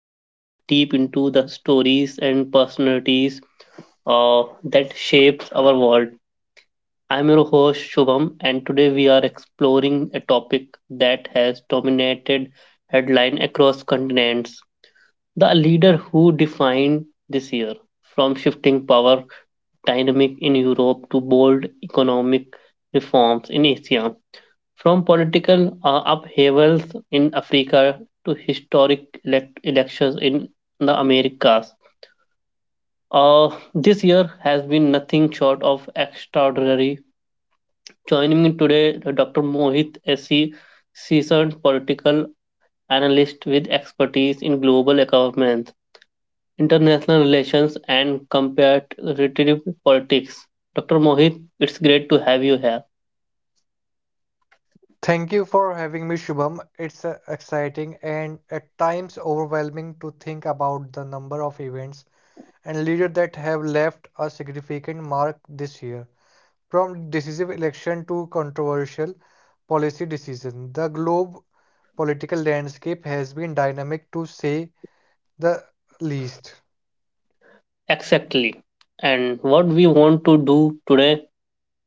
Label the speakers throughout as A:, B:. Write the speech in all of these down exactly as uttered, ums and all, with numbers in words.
A: uh, Deep into the stories and personalities uh, that shapes our world. I'm your host Shubham, and today we are exploring a topic that has dominated headline across continents: the leader who defined this year, from shifting power dynamic in Europe to bold economic reforms in Asia. From political uh, upheavals in Africa to historic elect- elections in the Americas, uh, this year has been nothing short of extraordinary. Joining me today, Doctor Mohit S C, seasoned political analyst with expertise in global governance, international relations, and comparative politics. Doctor Mohit, it's great to have you here.
B: Thank you for having me, Shubham. It's uh, exciting and at times overwhelming to think about the number of events and leaders that have left a significant mark this year. From decisive election to controversial policy decision, the globe political landscape has been dynamic to say the least.
A: Exactly. And what we want to do today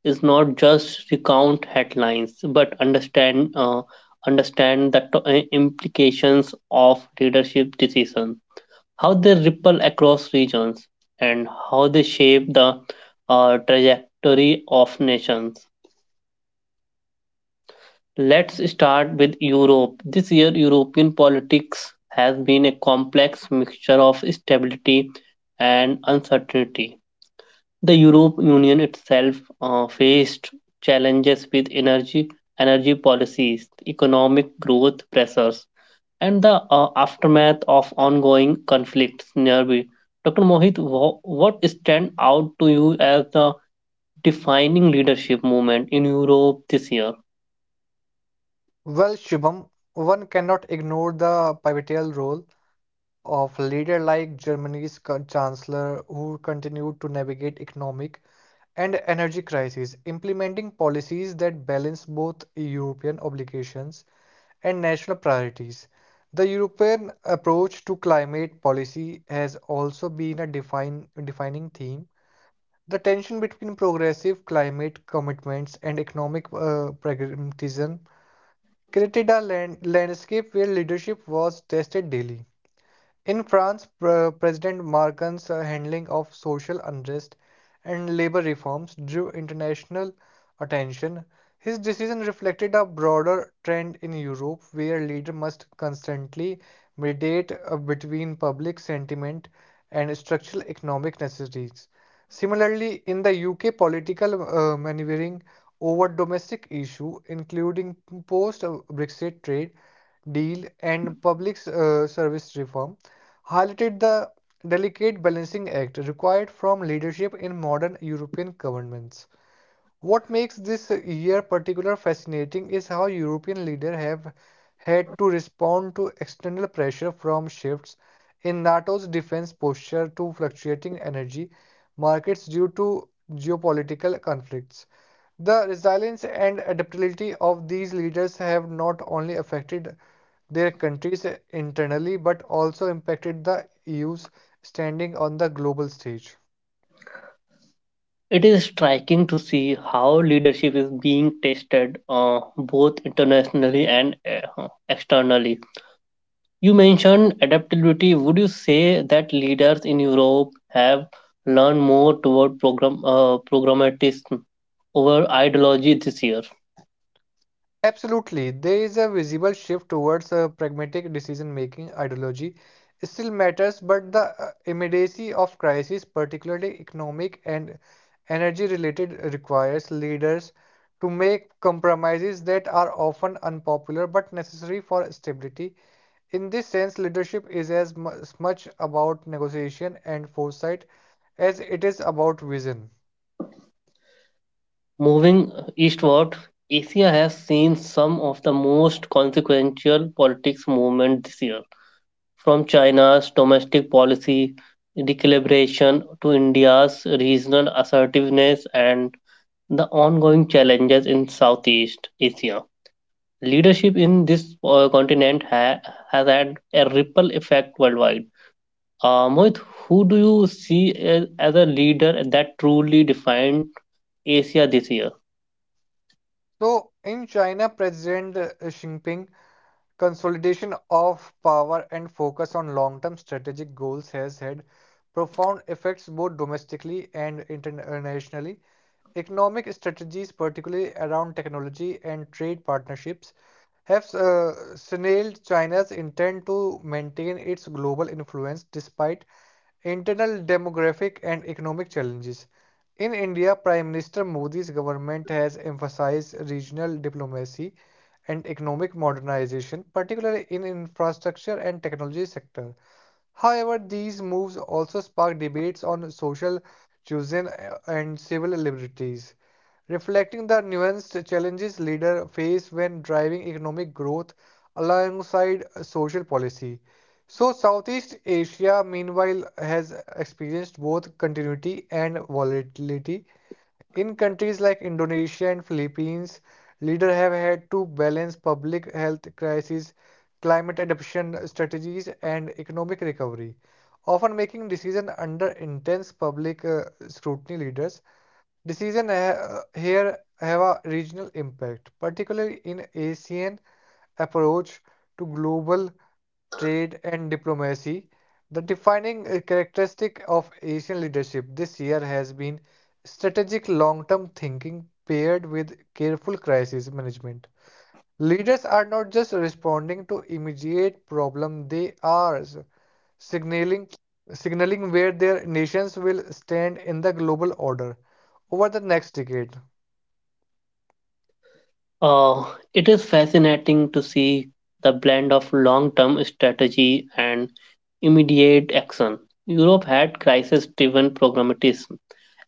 A: is not just recount headlines but understand uh, understand the to- uh, implications of leadership decisions, how they ripple across regions and how they shape the uh, trajectory of nations. Let's start with Europe. This year European politics has been a complex mixture of stability and uncertainty. The Europe Union itself uh, faced challenges with energy energy policies, economic growth pressures, and the uh, aftermath of ongoing conflicts nearby. Doctor Mohit, wha- what stand out to you as the defining leadership movement in Europe this year?
B: Well, Shubham, one cannot ignore the pivotal role of leader like Germany's co- chancellor who continued to navigate economic and energy crisis, implementing policies that balance both European obligations and national priorities. The European approach to climate policy has also been a define, defining theme. The tension between progressive climate commitments and economic uh, pragmatism created a land, landscape where leadership was tested daily. In France, Pre- President Macron's uh, handling of social unrest and labor reforms drew international attention. His decision reflected a broader trend in Europe where leaders must constantly mediate uh, between public sentiment and structural economic necessities. Similarly, in the U K, political uh, maneuvering over domestic issues, including post-Brexit trade deal and public uh, service reform highlighted the delicate balancing act required from leadership in modern European governments. What makes this year particular fascinating is how European leaders have had to respond to external pressure from shifts in NATO's defense posture to fluctuating energy markets due to geopolitical conflicts. The resilience and adaptability of these leaders have not only affected their countries internally but also impacted the E U's standing on the global stage.
A: It is striking to see how leadership is being tested uh, both internationally and uh, externally. You mentioned adaptability. Would you say that leaders in Europe have learned more toward program, uh, programmatism over ideology this year?
B: Absolutely, there is a visible shift towards a pragmatic decision making ideology. It still matters, but the uh, immediacy of crises, particularly economic and energy related, requires leaders to make compromises that are often unpopular but necessary for stability. In this sense, leadership is as mu- much about negotiation and foresight as it is about vision.
A: Moving eastward, Asia has seen some of the most consequential politics movements this year, from China's domestic policy recalibration to India's regional assertiveness and the ongoing challenges in Southeast Asia. Leadership in this uh, continent ha- has had a ripple effect worldwide. Uh, Mohit, who do you see as, as a leader that truly defined Asia this year?
B: So, in China, President uh, Xi Jinping consolidation of power and focus on long-term strategic goals has had profound effects both domestically and internationally. Economic strategies, particularly around technology and trade partnerships, have uh, signaled China's intent to maintain its global influence despite internal demographic and economic challenges. In India, Prime Minister Modi's government has emphasized regional diplomacy and economic modernization, particularly in infrastructure and technology sector. However, these moves also sparked debates on social chosen and civil liberties, reflecting the nuanced challenges leaders face when driving economic growth alongside social policy. So, Southeast Asia, meanwhile, has experienced both continuity and volatility, in countries like Indonesia and Philippines, leaders have had to balance public health crises, climate adaptation strategies, and economic recovery, often making decisions under intense public uh, scrutiny. Leaders' decisions uh, here have a regional impact, particularly in ASEAN approach to global trade, and diplomacy. The defining uh, characteristic of Asian leadership this year has been strategic long term thinking paired with careful crisis management. Leaders are not just responding to immediate problems, they are s- signaling signaling where their nations will stand in the global order over the next decade.
A: Uh, it is fascinating to see the blend of long term strategy and immediate action. Europe had crisis driven pragmatism,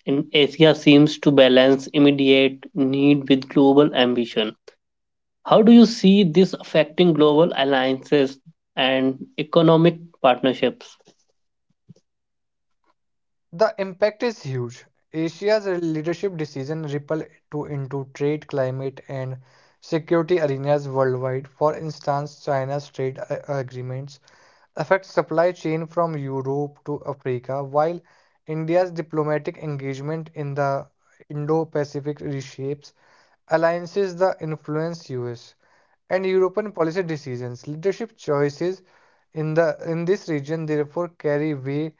A: and Asia seems to balance immediate need with global ambition. How do you see this affecting global alliances and economic partnerships?
B: The impact is huge. Asia's leadership decision ripple to into trade, climate, and security arenas worldwide. For instance, China's trade a- agreements affect supply chain from Europe to Africa, while India's diplomatic engagement in the Indo-Pacific reshapes alliances the influence U S and European policy decisions. Leadership choices in the in this region therefore carry way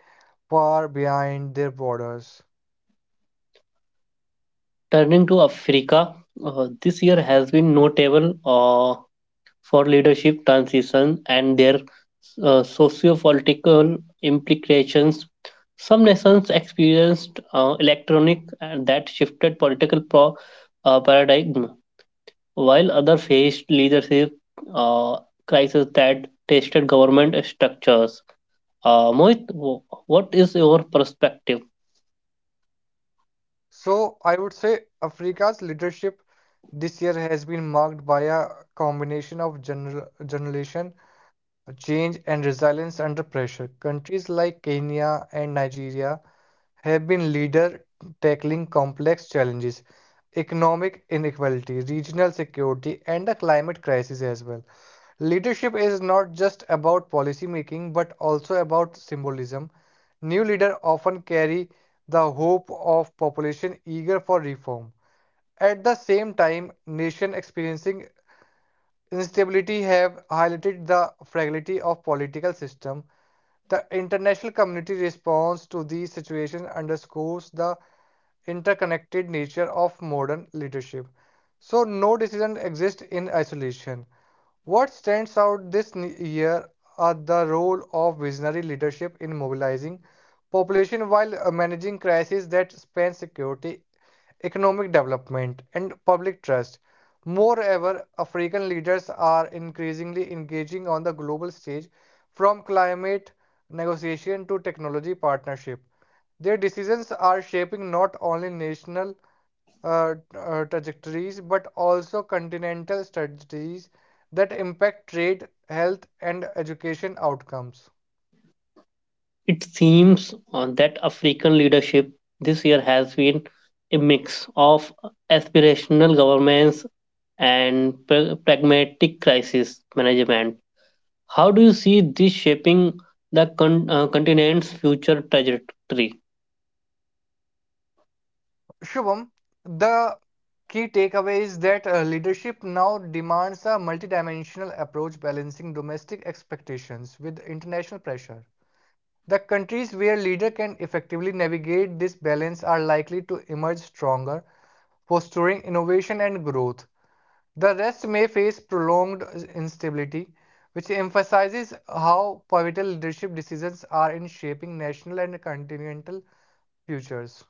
B: far behind their borders.
A: Turning to Africa, uh, this year has been notable uh, for leadership transition and their uh, socio-political implications. Some nations experienced uh, electronic and that shifted political pro- uh, paradigm, while others faced leadership uh, crises that tested government structures. Uh, Mohit, wh- what is your perspective?
B: So I would say Africa's leadership this year has been marked by a combination of gener generation change and resilience under pressure. Countries like Kenya and Nigeria have been leader tackling complex challenges, economic inequality, regional security, and the climate crisis as well. Leadership is not just about policy making but also about symbolism. New leaders often carry the hope of population eager for reform. At the same time, nation experiencing instability have highlighted the fragility of political system. The international community response to these situations underscores the interconnected nature of modern leadership. So, no decision exists in isolation. What stands out this year are the role of visionary leadership in mobilizing population while uh, managing crises that span security, economic development, and public trust. Moreover, African leaders are increasingly engaging on the global stage from climate negotiation to technology partnership. Their decisions are shaping not only national uh, uh, trajectories but also continental strategies that impact trade, health, and education outcomes.
A: It seems uh, that African leadership this year has been a mix of aspirational governments and pra- pragmatic crisis management. How do you see this shaping the con- uh, continent's future trajectory?
B: Shubham, the key takeaway is that uh, leadership now demands a multidimensional approach balancing domestic expectations with international pressure. The countries where leaders can effectively navigate this balance are likely to emerge stronger, fostering innovation and growth. The rest may face prolonged instability, which emphasizes how pivotal leadership decisions are in shaping national and continental futures.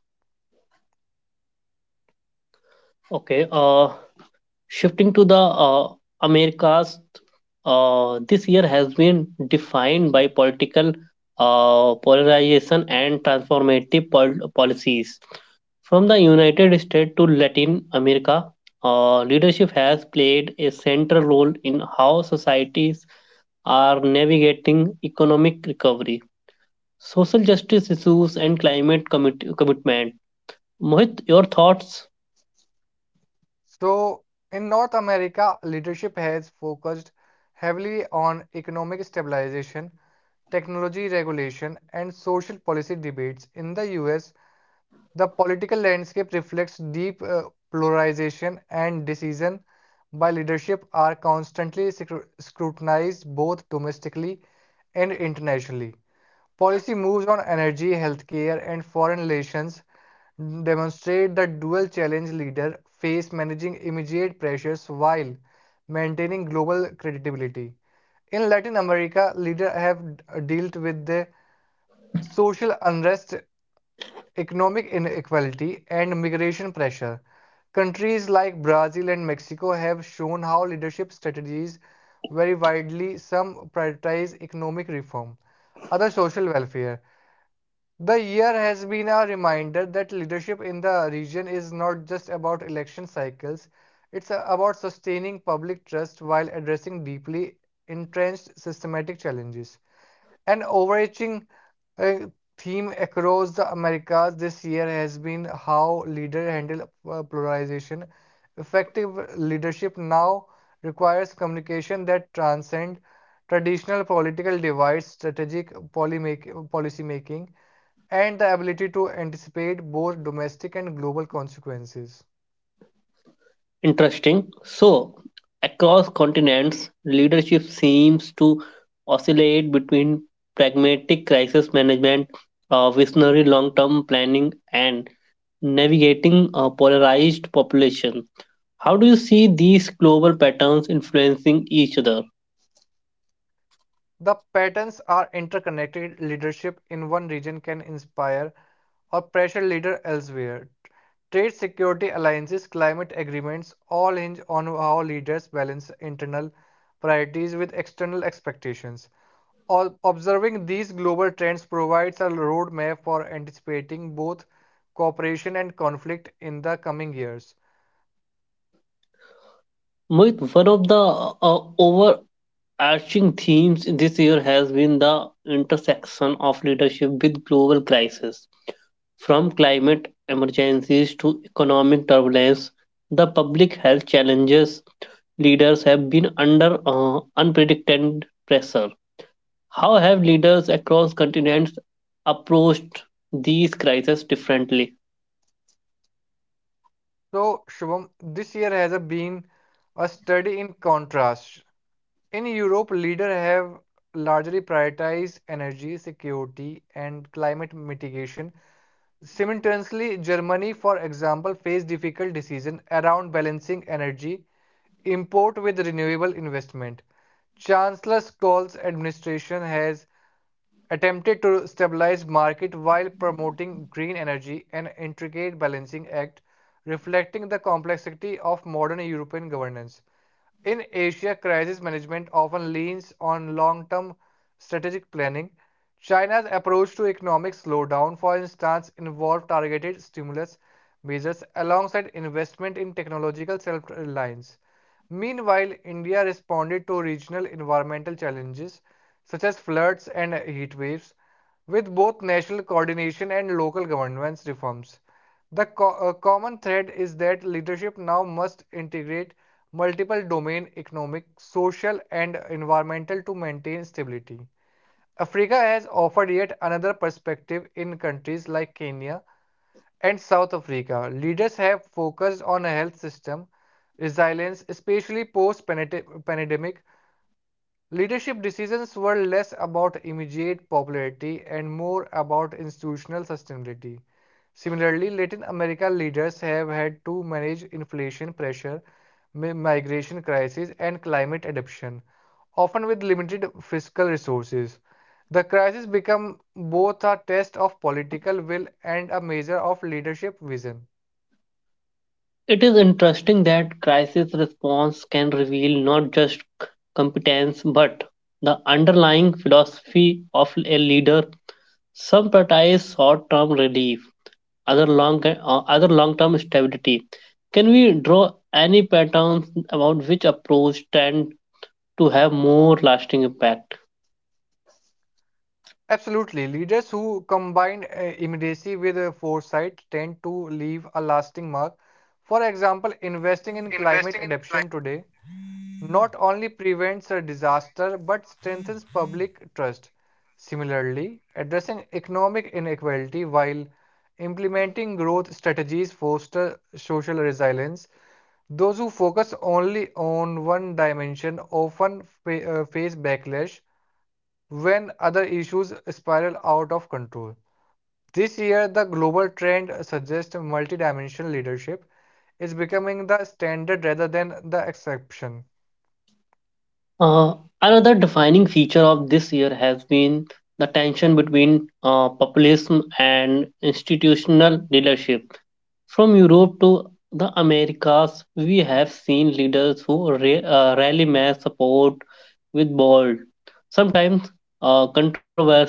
A: Okay, uh, shifting to the uh, Americas, uh, this year has been defined by political uh, polarization and transformative pol- policies. From the United States to Latin America, uh, leadership has played a central role in how societies are navigating economic recovery, social justice issues, and climate commit- commitment. Mohit, your thoughts?
B: So, in North America, leadership has focused heavily on economic stabilization, technology regulation, and social policy debates. In the U S, the political landscape reflects deep uh, polarization and decision by leadership are constantly scru- scrutinized both domestically and internationally. Policy moves on energy, healthcare, and foreign relations demonstrate the dual challenge leaders face managing immediate pressures while maintaining global credibility. In Latin America, leaders have dealt with the social unrest economic inequality, and migration pressure. Countries like Brazil and Mexico have shown how leadership strategies vary widely. Some prioritize economic reform, others social welfare. The year has been a reminder that leadership in the region is not just about election cycles, it's uh, about sustaining public trust while addressing deeply entrenched systematic challenges. An overarching uh, theme across the Americas this year has been how leaders handle uh, polarization. Effective leadership now requires communication that transcends traditional political divides, strategic polymake- policy making, and the ability to anticipate both domestic and global consequences.
A: Interesting. So, across continents, leadership seems to oscillate between pragmatic crisis management, uh, visionary long term planning, and navigating a polarized population. How do you see these global patterns influencing each other?
B: The patterns are interconnected. Leadership in one region can inspire or pressure leader elsewhere. Trade security alliances, climate agreements all hinge on how leaders balance internal priorities with external expectations. Observing these global trends provides a roadmap for anticipating both cooperation and conflict in the coming years.
A: Mohit, one of the uh, overarching themes this year has been the intersection of leadership with global crisis. From climate emergencies to economic turbulence, the public health challenges, leaders have been under uh, unprecedented pressure. How have leaders across continents approached these crises differently?
B: So, Shubham, this year has been a study in contrast. In Europe, leaders have largely prioritized energy security and climate mitigation. Simultaneously, Germany, for example, faced difficult decisions around balancing energy import with renewable investment. Chancellor Scholz's administration has attempted to stabilize market while promoting green energy, an intricate balancing act reflecting the complexity of modern European governance. In Asia, crisis management often leans on long term strategic planning. China's approach to economic slowdown, for instance, involved targeted stimulus measures alongside investment in technological self reliance. Meanwhile, India responded to regional environmental challenges such as floods and heat waves with both national coordination and local governance reforms. The co- uh, common thread is that leadership now must integrate multiple domain economic, social and environmental to maintain stability. Africa has offered yet another perspective in countries like Kenya and South Africa. Leaders have focused on a health system resilience, especially post-pandemic. Leadership decisions were less about immediate popularity and more about institutional sustainability. Similarly, Latin America leaders have had to manage inflation pressure, migration crisis, and climate adaptation, often with limited fiscal resources. The crisis become both a test of political will and a measure of leadership vision.
A: It is interesting that crisis response can reveal not just competence but the underlying philosophy of a leader. Some prioritize short term relief, other long uh, other long-term stability. Can we draw any patterns about which approach tend to have more lasting impact?
B: Absolutely. Leaders who combine uh, immediacy with uh, foresight tend to leave a lasting mark. For example, investing in climate adaptation today not only prevents a disaster but strengthens public trust. Similarly, addressing economic inequality while implementing growth strategies foster social resilience. Those who focus only on one dimension often fa- uh, face backlash when other issues spiral out of control. This year, the global trend suggests multidimensional leadership is becoming the standard rather than the exception.
A: Uh, Another defining feature of this year has been the tension between uh, populism and institutional leadership. From Europe to the Americas, we have seen leaders who ra- uh, rally mass support with bold, sometimes uh, controversial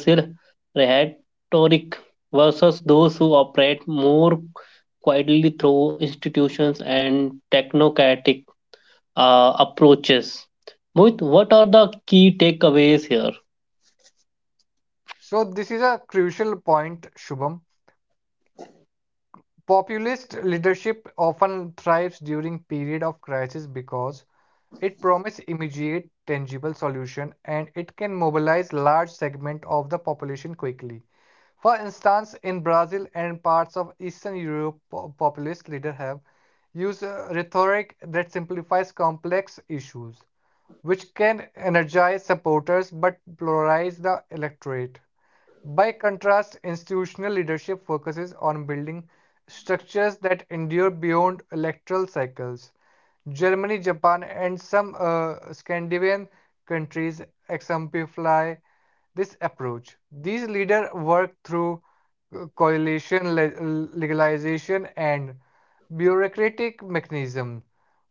A: rhetoric versus those who operate more quietly through institutions and technocratic uh, approaches. Mohit, what are the key takeaways here?
B: So, this is a crucial point, Shubham. Populist leadership often thrives during periods of crisis because it promises immediate, tangible solution and it can mobilize large segment of the population quickly. For instance, in Brazil and parts of Eastern Europe, populist leaders have used uh, rhetoric that simplifies complex issues, which can energize supporters but polarize the electorate. By contrast, institutional leadership focuses on building structures that endure beyond electoral cycles. Germany, Japan, and some uh, Scandinavian countries exemplify this approach. These leaders work through uh, coalition le- legalization and bureaucratic mechanism,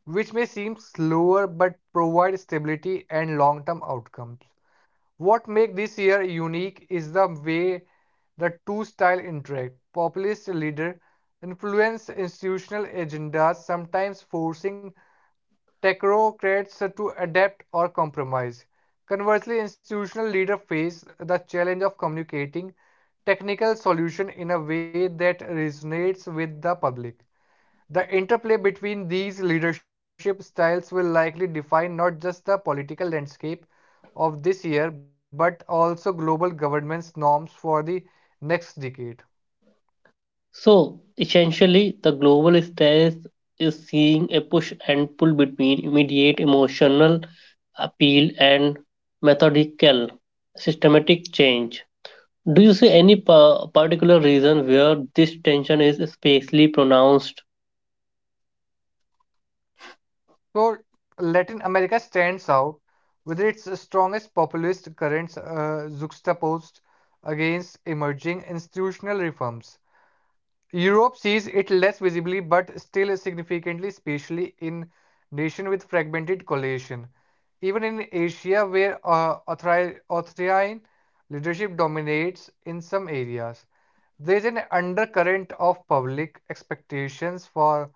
B: which may seem slower but provide stability and long-term outcomes. What makes this year unique is the way the two styles interact. Populist leaders influence institutional agendas, sometimes forcing technocrats to adapt or compromise. Conversely, institutional leaders face the challenge of communicating technical solutions in a way that resonates with the public. The interplay between these leadership styles will likely define not just the political landscape of this year but also global governance norms for the next decade.
A: So, essentially, the global stress is seeing a push and pull between immediate emotional appeal and methodical systematic change. Do you see any pa- particular reason where this tension is especially pronounced?
B: So Latin America stands out with its strongest populist currents uh, juxtaposed against emerging institutional reforms. Europe sees it less visibly but still significantly, especially in nations with fragmented coalition. Even in Asia, where uh, authori- authoritarian leadership dominates in some areas, there is an undercurrent of public expectations for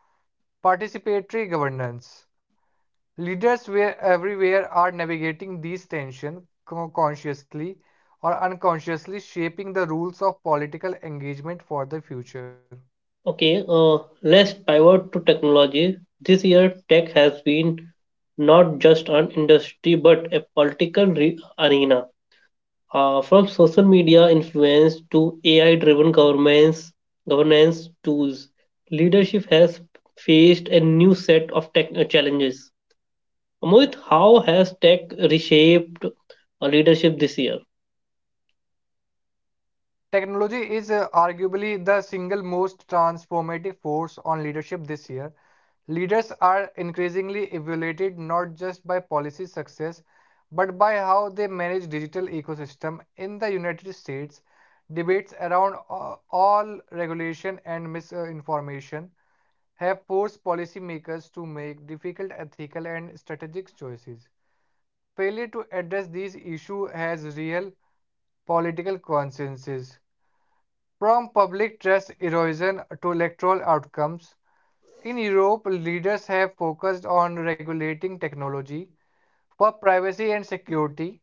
B: participatory governance. Leaders where everywhere are navigating these tensions consciously or unconsciously, shaping the rules of political engagement for the future.
A: Okay, uh, let's pivot to technology. This year, tech has been not just an industry but a political re- arena. Uh, from social media influence to A I driven governments, governance tools, leadership has faced a new set of tech uh, challenges. Mohit, how has tech reshaped uh, leadership this year?
B: Technology is uh, arguably the single most transformative force on leadership this year. Leaders are increasingly evaluated not just by policy success, but by how they manage digital ecosystem. In the United States, debates around uh, all regulation and misinformation have forced policymakers to make difficult ethical and strategic choices. Failure to address these issues has real political consequences, from public trust erosion to electoral outcomes. In Europe, leaders have focused on regulating technology for privacy and security,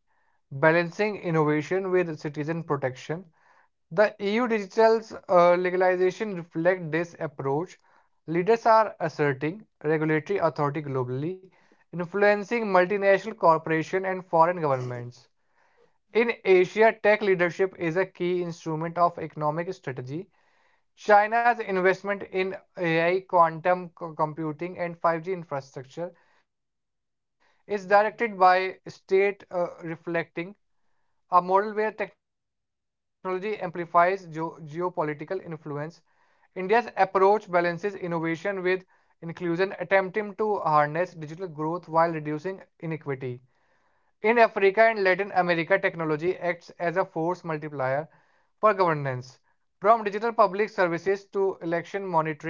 B: balancing innovation with citizen protection. The E U digital's uh, legalization reflect this approach. Leaders are asserting regulatory authority globally, influencing multinational corporations and foreign governments. In Asia, tech leadership is a key instrument of economic strategy. China's investment in A I, quantum computing, and five G infrastructure is directed by state, uh, reflecting a model where technology amplifies geo- geopolitical influence. India's approach balances innovation with inclusion, attempting to harness digital growth while reducing inequity. In Africa and Latin America, technology acts as a force multiplier for governance. From digital public services to election monitoring,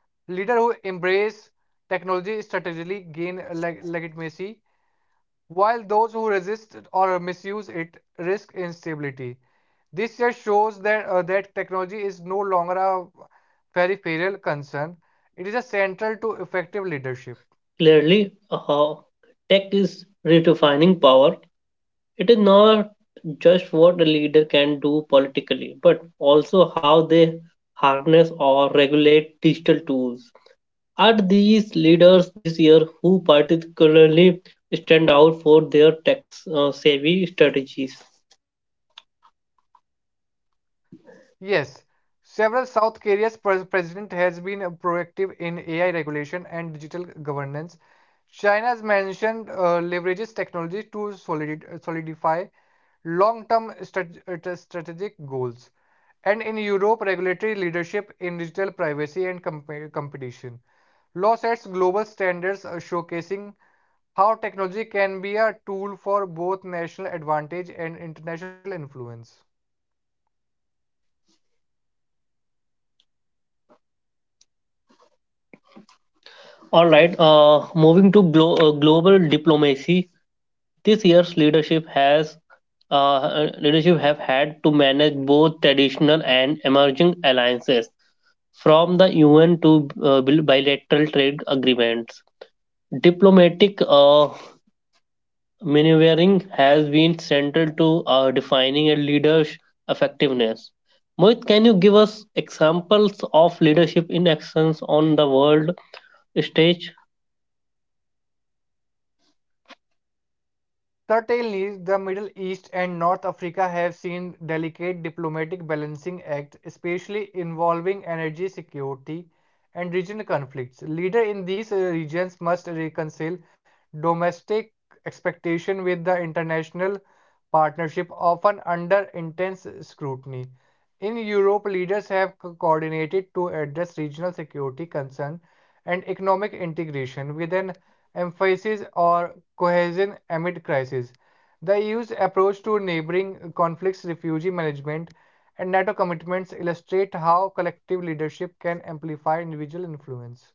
B: leaders who embrace technology strategically gain leg- legitimacy, while those who resist or misuse it risk instability. This just shows that, uh, that technology is no longer a peripheral concern, it is a central to effective leadership.
A: Clearly, uh, tech is redefining power. It is not just what a leader can do politically, but also how they harness or regulate digital tools. Are these leaders this year who particularly stand out for their tax uh, savvy strategies?
B: Yes, several South Korea's pres- president has been uh, proactive in A I regulation and digital governance. China's mentioned uh, leverages technology to solidi- uh, solidify long-term strat- uh, t- strategic goals. And in Europe, regulatory leadership in digital privacy and comp- competition. Law sets global standards, uh, showcasing how technology can be a tool for both national advantage and international influence.
A: All right, uh, moving to glo- uh, global diplomacy, this year's leadership has uh, leadership have had to manage both traditional and emerging alliances, from the U N to uh, bil- bilateral trade agreements. Diplomatic uh, maneuvering has been central to uh, defining a leader's effectiveness. Mohit, can you give us examples of leadership in actions on the world stage?
B: Certainly, the Middle East and North Africa have seen delicate diplomatic balancing acts, especially involving energy security and regional conflicts. Leaders in these uh, regions must reconcile domestic expectation with the international partnership, often under intense scrutiny. In Europe, leaders have coordinated to address regional security concerns and economic integration with an emphasis on cohesion amid crises. The E U's approach to neighboring conflicts, refugee management, and NATO commitments illustrate how collective leadership can amplify individual influence.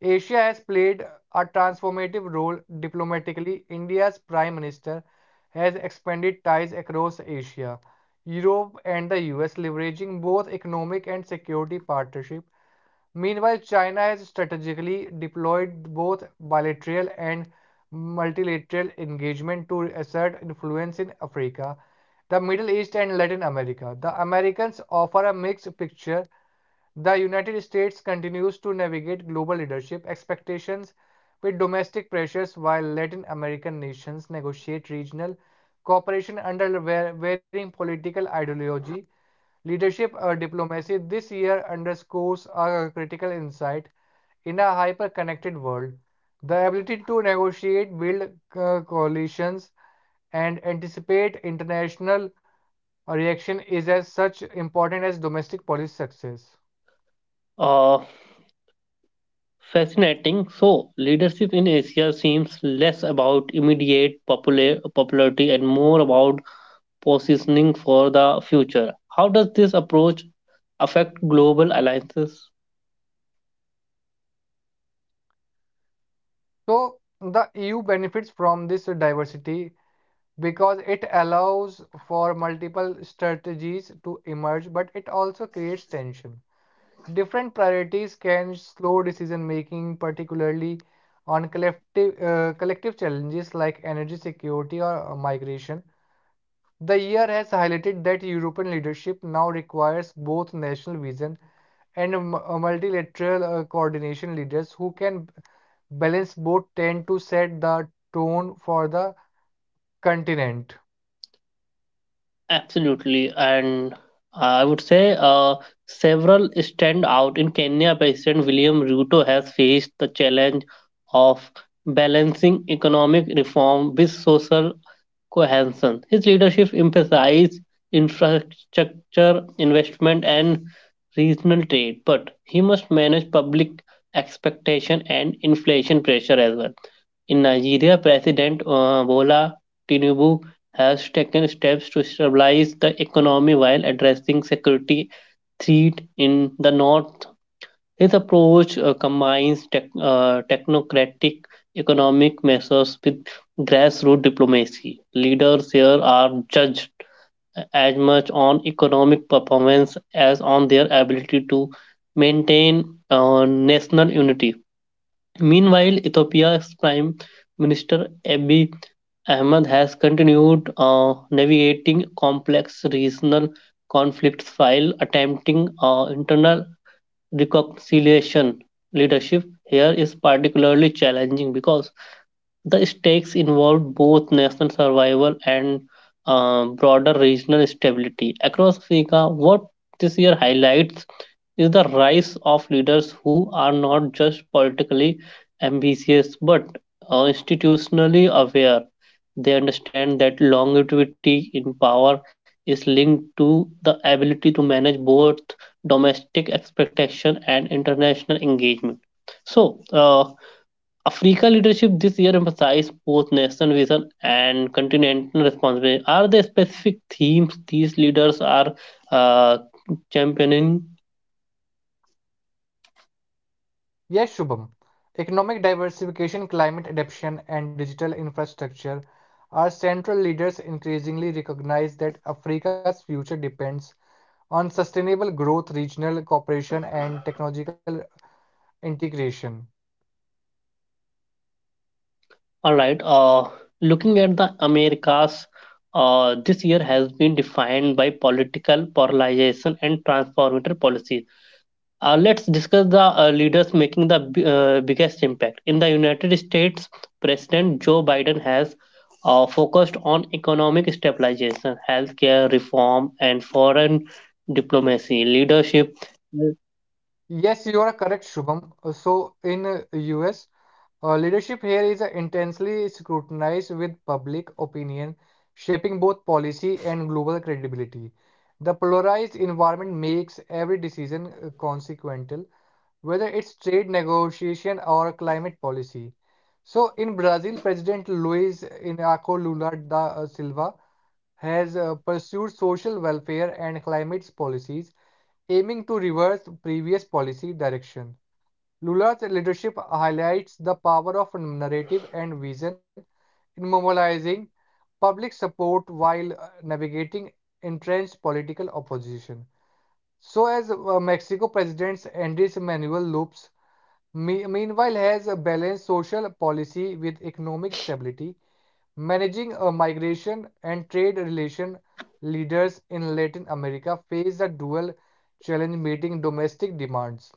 B: Asia has played a transformative role diplomatically. India's Prime Minister has expanded ties across Asia, Europe, and the U S, leveraging both economic and security partnership. Meanwhile, China has strategically deployed both bilateral and multilateral engagement to assert influence in Africa, the Middle East, and Latin America. The Americans offer a mixed picture. The United States continues to navigate global leadership expectations with domestic pressures, while Latin American nations negotiate regional cooperation under varying political ideology. Leadership or diplomacy this year underscores a critical insight in a hyper-connected world. The ability to negotiate, build uh, coalitions, and anticipate international reaction is as such important as domestic policy success.
A: Uh, Fascinating. So, leadership in Asia seems less about immediate popular- popularity and more about positioning for the future. How does this approach affect global alliances?
B: So the E U benefits from this diversity because it allows for multiple strategies to emerge, but it also creates tension. Different priorities can slow decision making, particularly on collective, uh, collective challenges like energy security or uh, migration. The year has highlighted that European leadership now requires both national vision and multilateral uh, coordination, leaders who can balanced boats tend to set the tone for the continent.
A: Absolutely, and uh, I would say uh, several stand out. In Kenya, President William Ruto has faced the challenge of balancing economic reform with social cohesion. His leadership emphasized infrastructure investment and regional trade, but he must manage public expectation and inflation pressure as well. In Nigeria, President uh, Bola Tinubu has taken steps to stabilize the economy while addressing security threat in the north. His approach uh, combines tech, uh, technocratic economic measures with grassroots diplomacy. Leaders here are judged as much on economic performance as on their ability to maintain uh, national unity. Meanwhile, Ethiopia's Prime Minister Abiy Ahmed has continued uh, navigating complex regional conflicts while attempting uh, internal reconciliation. Leadership here is particularly challenging because the stakes involve both national survival and um, broader regional stability. Across Africa, what this year highlights is the rise of leaders who are not just politically ambitious but uh, institutionally aware. They understand that longevity in power is linked to the ability to manage both domestic expectation and international engagement. So, uh, Africa leadership this year emphasized both national vision and continental responsibility. Are there specific themes these leaders are uh, championing?
B: Yes, Shubham. Economic diversification, climate adaptation, and digital infrastructure are central. Leaders increasingly recognize that Africa's future depends on sustainable growth, regional cooperation, and technological integration.
A: All right. Uh, looking at the Americas, uh, this year has been defined by political polarization and transformative policies. Uh, let's discuss the uh, leaders making the b- uh, biggest impact. In the United States, President Joe Biden has uh, focused on economic stabilization, healthcare reform, and foreign diplomacy. Leadership.
B: Yes, you are correct, Shubham. So in uh, U S, Uh, leadership here is uh, intensely scrutinized with public opinion, shaping both policy and global credibility. The polarized environment makes every decision uh, consequential, whether it's trade negotiation or climate policy. So, in Brazil, President Luiz Inácio Lula da uh, Silva has uh, pursued social welfare and climate policies, aiming to reverse previous policy direction. Lula's leadership highlights the power of narrative and vision in mobilizing public support while uh, navigating entrenched political opposition. So, as uh, Mexico President Andrés Manuel Lopes me- meanwhile has uh, balanced social policy with economic stability, managing a migration and trade relation. Leaders in Latin America face a dual challenge, meeting domestic demands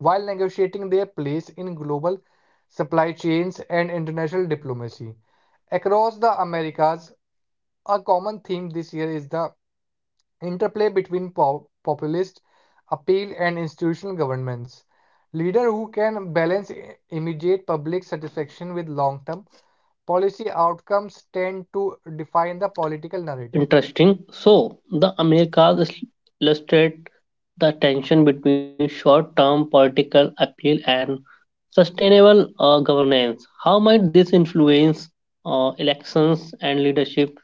B: while negotiating their place in global supply chains and international diplomacy. Across the Americas, a common theme this year is the interplay between po- populist appeal and institutional governments. Leaders who can balance immediate public satisfaction with long term policy outcomes tend to define the political narrative.
A: Interesting. So, the Americas is- illustrate the tension between short term political appeal and sustainable uh, governance. How might this influence uh, elections and leadership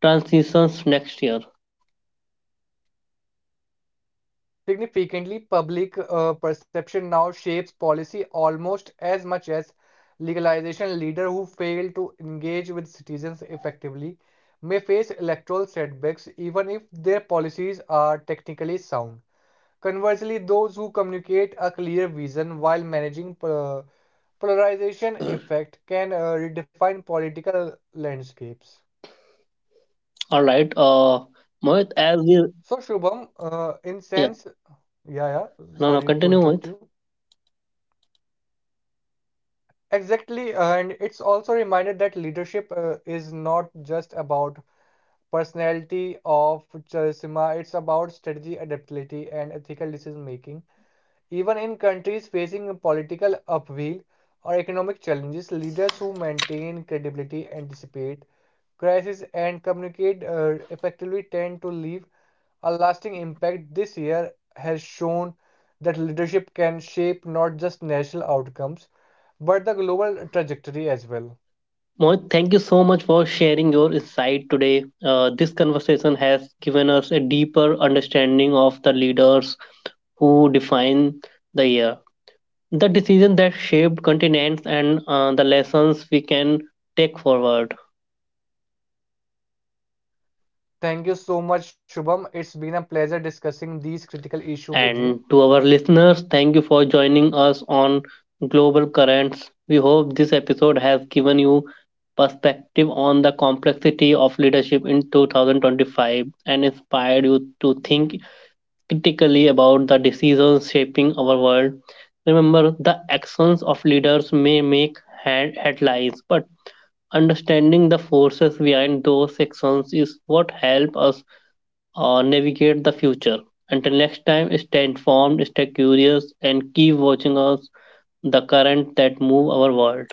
A: transitions next year?
B: Significantly, public uh, perception now shapes policy almost as much as legalization. Leaders who fail to engage with citizens effectively may face electoral setbacks even if their policies are technically sound. Conversely, those who communicate a clear vision while managing uh, polarization effect can uh, redefine political landscapes.
A: All right. Uh, Mohit, as we,
B: So, Shubham, uh, in
A: yeah,
B: sense, yeah, yeah,
A: no, no,
B: sorry to
A: continue,
B: interrupt
A: Mohit.
B: you. Exactly, and it's also reminded that leadership uh, is not just about personality of charisma, it's about strategy, adaptability, and ethical decision making. Even in countries facing political upheaval or economic challenges, leaders who maintain credibility, anticipate crises, and communicate uh, effectively tend to leave a lasting impact. This year has shown that leadership can shape not just national outcomes but the global trajectory as well.
A: Mohit, thank you so much for sharing your insight today. Uh, this conversation has given us a deeper understanding of the leaders who define the year, the decision that shaped continents, and uh, the lessons we can take forward.
B: Thank you so much, Shubham. It's been a pleasure discussing these critical issues with you.
A: And to our listeners, thank you for joining us on Global Currents. We hope this episode has given you perspective on the complexity of leadership in twenty twenty-five and inspired you to think critically about the decisions shaping our world. Remember, the actions of leaders may make head- headlines, but understanding the forces behind those sections is what help us uh, navigate the future. Until next time, stay informed, stay curious, and keep watching us the current that move our world.